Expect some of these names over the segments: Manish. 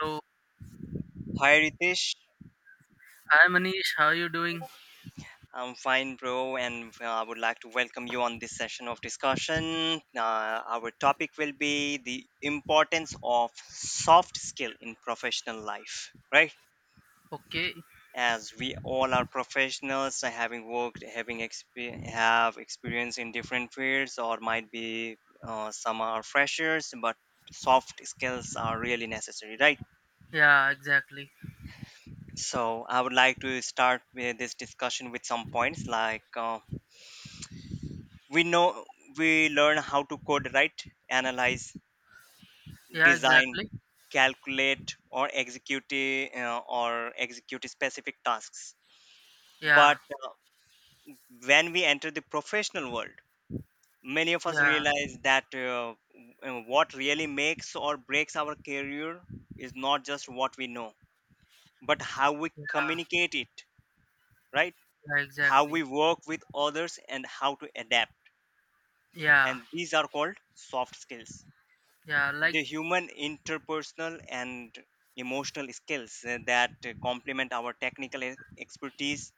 Hello. Hi Ritesh, Hi Manish, how are you doing? I'm fine, bro, and I would like to welcome you on this session of discussion. Our topic will be the importance of soft skill in professional life, right? Okay. As we all are professionals, having worked, have experience in different fields, or might be some are freshers, but soft skills are really necessary, right? Yeah, exactly. So I would like to start with this discussion with some points like. We know we learn how to code, right? Analyze, Yeah, design, exactly. calculate, or execute specific tasks. Yeah, But uh, when we enter the professional world, many of us yeah, realize that what really makes or breaks our career is not just what we know, but how we yeah, communicate it, right? yeah, How we exactly. work with others and how to adapt. Yeah, And these are called soft skills. yeah, like, The human interpersonal and emotional skills that complement our technical expertise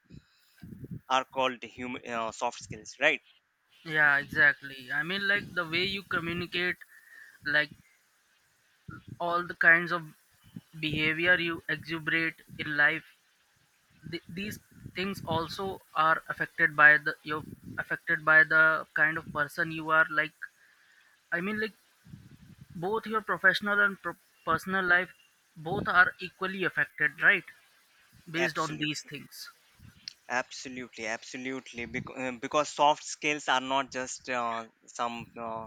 are called soft skills, right? yeah, exactly. I mean, like, the way you communicate, like, all the kinds of behavior you exuberate in life, these things also are affected by you're affected by the kind of person you are, like, I mean, like, both your professional and personal life, both are equally affected, right, based on these Absolutely. things. Absolutely, absolutely. Because soft skills are not just some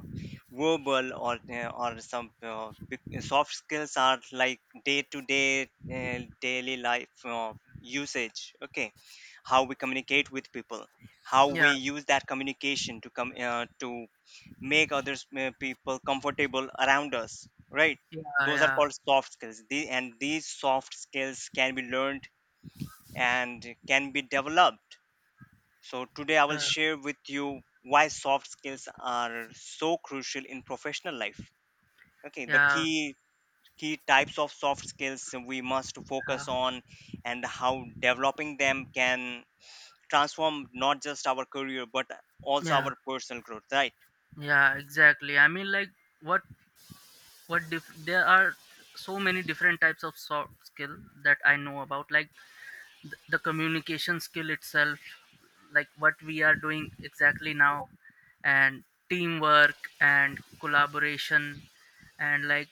verbal or soft skills are like day to day daily life usage. Okay, how we communicate with people, how we Yeah use that communication to make others people comfortable around us. Right, yeah, those are yeah, called soft skills. And these soft skills can be learned and can be developed. So, today I will yeah, share with you why soft skills are so crucial in professional life. Okay, the yeah, key types of soft skills we must yeah, focus on, and how developing them can transform not just our career but also yeah. our personal growth, right? Yeah, exactly. I mean, like, what there are so many different types of soft skill that I know about, like the communication skill itself, like what we are doing exactly now, and teamwork and collaboration, and like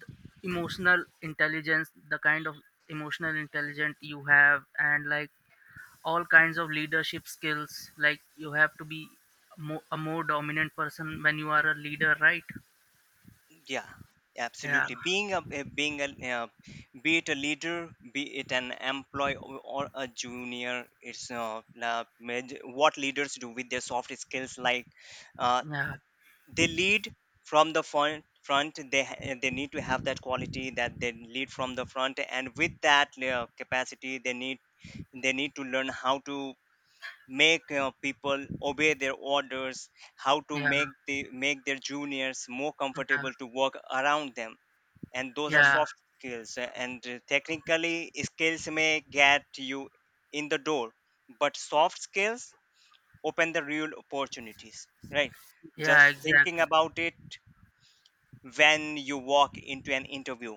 the emotional intelligence, the kind of emotional intelligence you have, and like all kinds of leadership skills. Like, you have to be a more dominant person when you are a leader, right? Yeah, Yeah, absolutely. Being a be it a leader, be it an employee or a junior, it's what leaders do with their soft skills, like uh, yeah, they lead from the front. They they need to have that quality, that they lead from the front, and with that capacity they need to learn how to make people obey their orders, how to yeah, make their juniors more yeah, comfortable to work around them. And those are yeah, soft skills. And technically skills may get you in the door, but soft skills open the real opportunities, right? yeah, Just thinking exactly. about it, when you walk into an interview,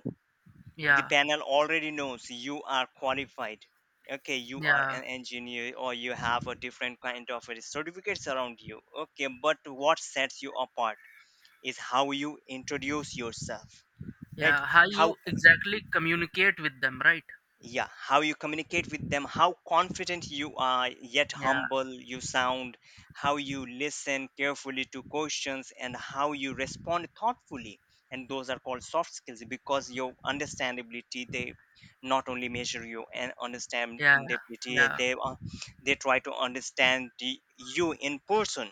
the Yeah, panel already knows you are qualified. Okay, you are yeah. an engineer, or you have a different kind of a certificates around you. Okay, but what sets you apart is how you introduce yourself, right? Yeah, how How, you exactly communicate with them, right? yeah, how you communicate with them, how confident you are yet Yeah, humble you sound, how you listen carefully to questions and how you respond thoughtfully. And those are called soft skills, because your understandability, they not only measure you and yeah, understandability, yeah, they are, they try to understand the, you in person.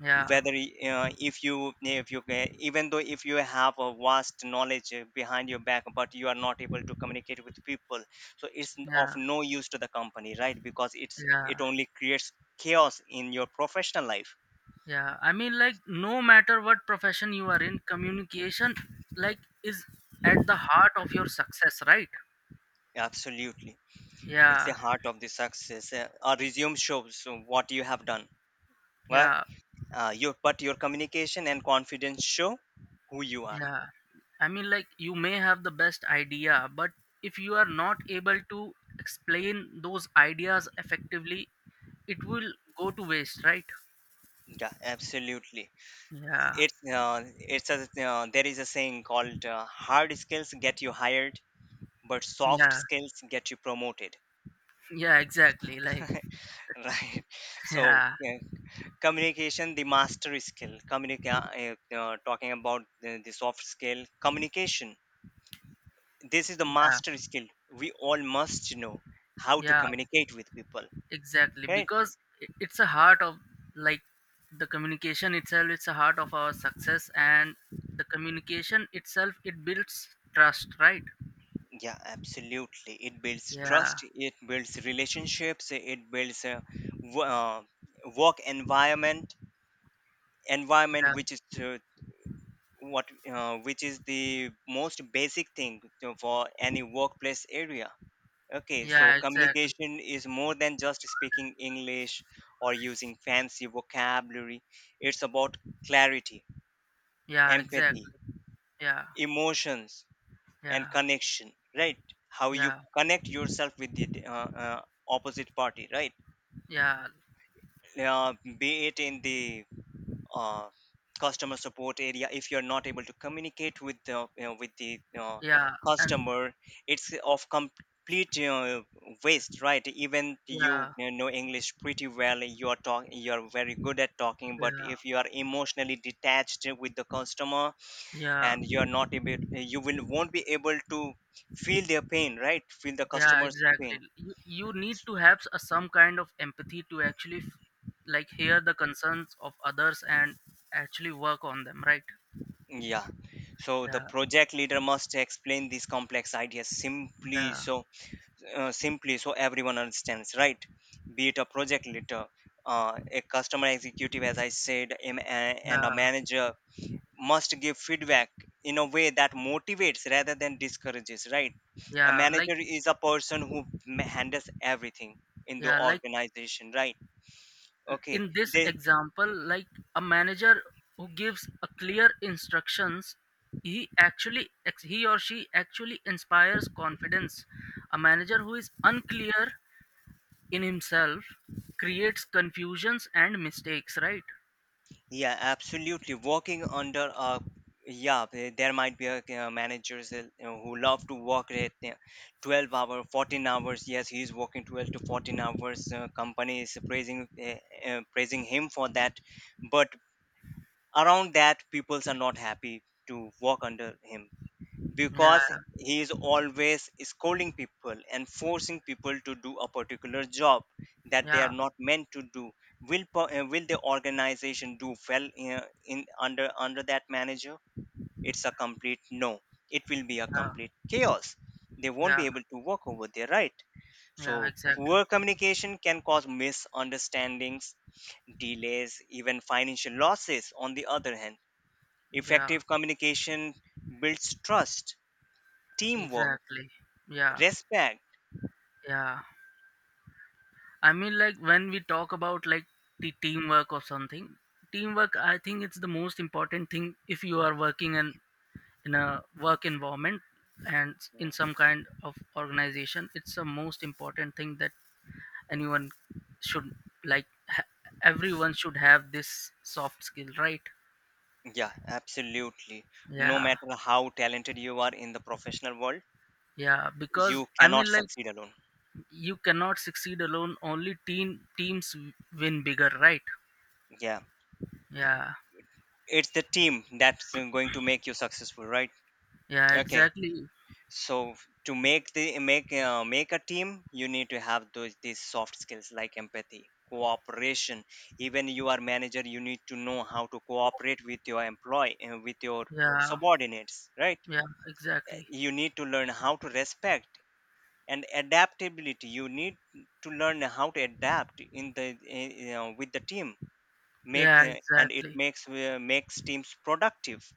yeah, Whether if you even though if you have a vast knowledge behind your back, but you are not able to communicate with people, so it's of yeah, no use to the company, right? Because it's yeah, it only creates chaos in your professional life. yeah. I mean, like, no matter what profession you are in, communication, like, is at the heart of your success, right? Absolutely. It's the Yeah, heart of the success. A resume shows what you have done, right? yeah, Uh, your but your communication and confidence show who you are. yeah. I mean, like, you may have the best idea, but if you are not able to explain those ideas effectively, it will go to waste, right? Yeah, absolutely. Yeah, It's a There is a saying called, hard skills get you hired, but soft yeah, skills get you promoted. yeah, exactly. Like, Right? So yeah, yeah, communication, the master skill, talking about the soft skill communication, this is the yeah, master skill we all must know, how to yeah, communicate with people, exactly. right? Because it's a heart of, like, the communication itself, it's a heart of our success, and the communication itself, it builds trust, right? Yeah, absolutely. It builds Yeah, trust, it builds relationships, it builds a w- uh, work environment, yeah, which is to what, which is the most basic thing for any workplace area. Okay, so yeah, exactly. communication is more than just speaking English or using fancy vocabulary. It's about clarity, Yeah, empathy, exactly. Yeah, emotions, yeah, and connection, right? How you yeah, connect yourself with the opposite party, right? yeah, uh, be it in the uh, customer support area, if you're not able to communicate with the, you know, with the yeah, and customer, it's of complete you waste, right? Even yeah, you know English pretty well, you're very good at talking, but yeah, if you are emotionally detached with the customer yeah. and you will won't be able to feel their pain, right? Feel the Yeah, customer's exactly. pain. You need to have some kind of empathy to actually like hear the concerns of others and actually work on them, right? Yeah, so the Yeah, project leader must explain these complex ideas simply, yeah, so simply, so everyone understands, right? Be it a project leader, a customer executive, as I said, and a yeah, manager must give feedback in a way that motivates rather than discourages, right? A yeah, like, manager is a person who handles everything in the yeah, like, organization, right? Okay, in this they. example, like, a manager who gives a clear instructions, he actually he or she actually inspires confidence. A manager who is unclear in himself creates confusions and mistakes, right? Yeah, absolutely. Working under a, yeah, there might be a, managers, you know, who love to work at 12 hour, 14 hours. Yes, he's working 12 to 14 hours. Company is praising, praising him for that, but around that, peoples are not happy to work under him, because Yeah, he is always scolding people and forcing people to do a particular job that they are yeah, not meant to do. Will will the organization do well in under that manager? It's a complete no. It will be a yeah, complete chaos. They won't be yeah, able to work over there, right? yeah, So exactly. poor communication can cause misunderstandings, delays, even financial losses. On the other hand, Yeah, effective communication builds trust, teamwork, exactly. Yeah, respect. yeah. I mean, like, when we talk about, like, the teamwork or something, teamwork. I think it's the most important thing if you are working in a work environment and in Mm. some kind of organization. It's the most important thing that anyone should, like, everyone should have this soft skill, right? Yeah, absolutely. No Yeah, matter how talented you are in the professional world, yeah. Because you I cannot mean, like. succeed alone. You cannot succeed alone, only teams win bigger, right? Yeah, Yeah, it's the team that's going to make you successful, right? yeah, Okay, exactly. so to make the make make a team, you need to have those these soft skills, like empathy, cooperation. Even you are manager, you need to know how to cooperate with your employee and with your Yeah, subordinates, right? yeah, Uh, exactly. you need to learn how to respect, and adaptability. You need to learn how to adapt in the you know, with the team, make Yeah, and it exactly. makes makes teams productive.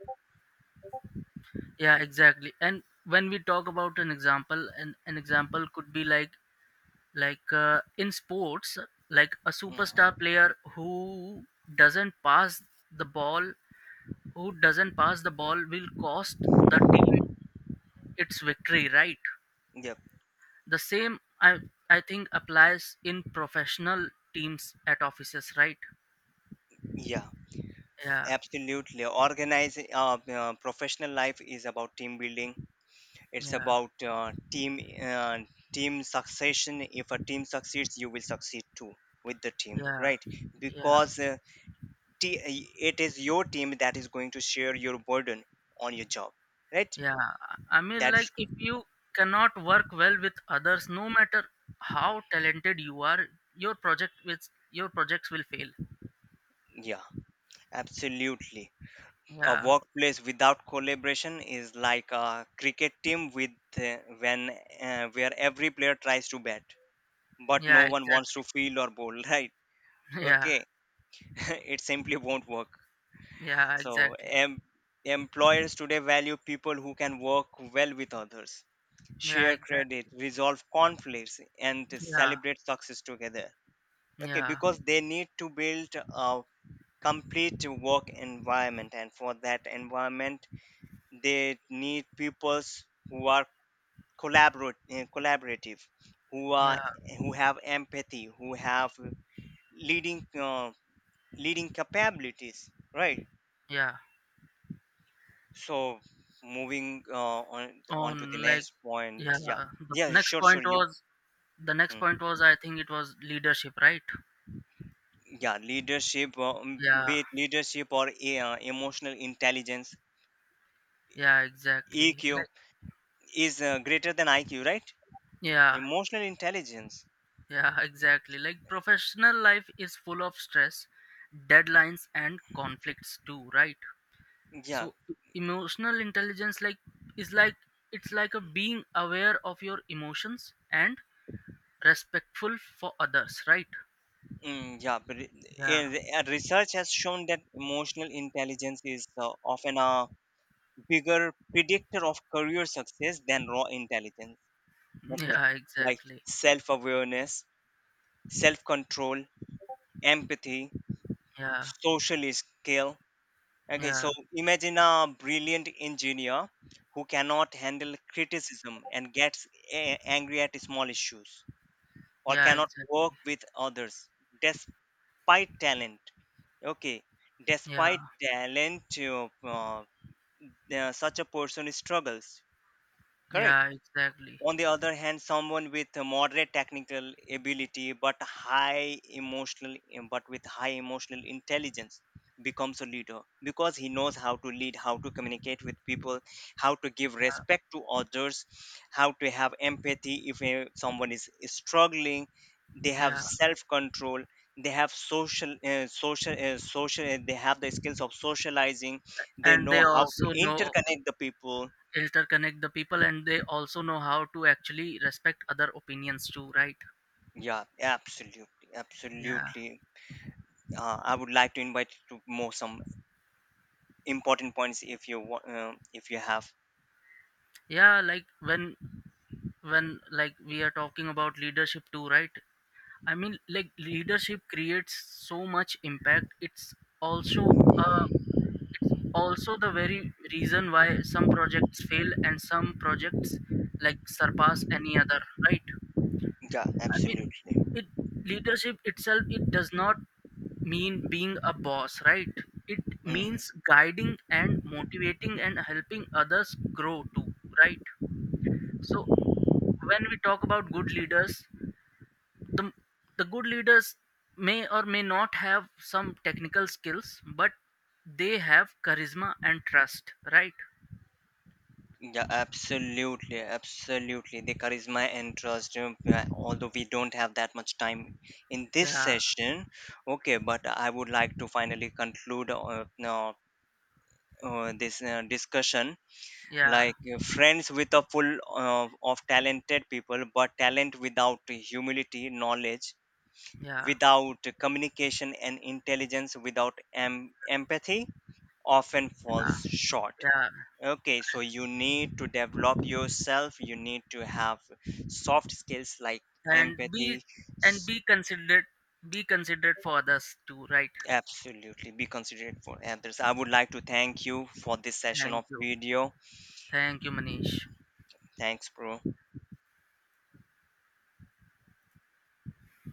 Yeah, exactly. And when we talk about an example, an example could be like, in sports, like a superstar Mhm. player doesn't pass the ball who doesn't pass the ball will cost the team its victory, right? Yep. The same, I think, applies in professional teams at offices, right? Yeah, Yeah, absolutely. Organizing professional life is about team building. It's yeah, about team uh, team succession. If a team succeeds, you will succeed too with the team, yeah, right? yeah, Because t- it is your team that is going to share your burden on your job, right? yeah. I mean, That like, is. if you cannot work well with others, no matter how talented you are, your project with your projects will fail. Yeah, absolutely. A Yeah, workplace without collaboration is like a cricket team with, when where every player tries to bat, but yeah, no one wants exactly. to field or bowl, right? Yeah, Okay, it simply won't work. yeah, So, exactly. Employers today value people who can work well with others, Yeah, share credit, exactly. resolve conflicts, and Yeah, celebrate success together. Okay, yeah, because they need to build a complete work environment, and for that environment they need peoples who are collaborative, who are, yeah, who have empathy, who have leading, leading capabilities, right? yeah. So moving on to the On, like, next point, yeah. yeah. The Yeah, next sure, sure point you. was The next point Hmm. was, I think, it was leadership, right? Yeah, leadership, Yeah, be it leadership or emotional intelligence. yeah, EQ exactly. Like, is greater than IQ, right? yeah, Emotional intelligence. yeah, exactly. Like, professional life is full of stress, deadlines, and conflicts too, right? Yeah. So emotional intelligence, like, is like it's like a being aware of your emotions and respectful for others, right? Yeah, but Yeah. Research has shown that emotional intelligence is often a bigger predictor of career success than raw intelligence. Okay, Yeah, like exactly. self awareness, self control, empathy, Yeah. social skill. Okay, so Yeah. imagine a brilliant engineer who cannot handle criticism and gets angry at small issues, or Yeah, cannot work exactly. with others despite talent. Okay, Yeah. despite talent, such a person struggles. Correct. Yeah, exactly. On the other hand, someone with a moderate technical ability but high emotional intelligence becomes a leader, because he knows how to lead, how to communicate with people, how to give Yeah. respect to others, how to have empathy if someone is struggling, they have Yeah. self control, they have they have the skills of socializing, they and know they how to also know interconnect the people. And they also know how to actually respect other opinions too, right? Yeah, absolutely, Yeah, absolutely. I would like to invite you to more some important points, if you want, if you have. yeah, like, when, like, we are talking about leadership too, right? I mean, like, leadership creates so much impact, also uh it's also the very reason why some projects fail and some projects, like, surpass any other, right? Yeah, I mean, absolutely. it leadership itself, it does not mean being a boss, right? It Mm. means guiding and motivating and helping others grow too, right? So when we talk about good leaders, the the good leaders may or may not have some technical skills, but they have charisma and trust, right? Yeah, absolutely, absolutely. The charisma and trust. Although we don't have that much time in this Yeah, session, okay. But I would like to finally conclude now, this discussion. yeah, Like friends with a full of talented people, but talent without humility, knowledge yeah, without communication, and intelligence without empathy often falls short. yeah. Okay, so you need to develop yourself. You need to have soft skills like And be empathy, and s- be considerate be considerate for others too, right? absolutely be considerate for others. I would like to thank you for this session Thank of you. video. Thank you, Manish. Thanks, bro.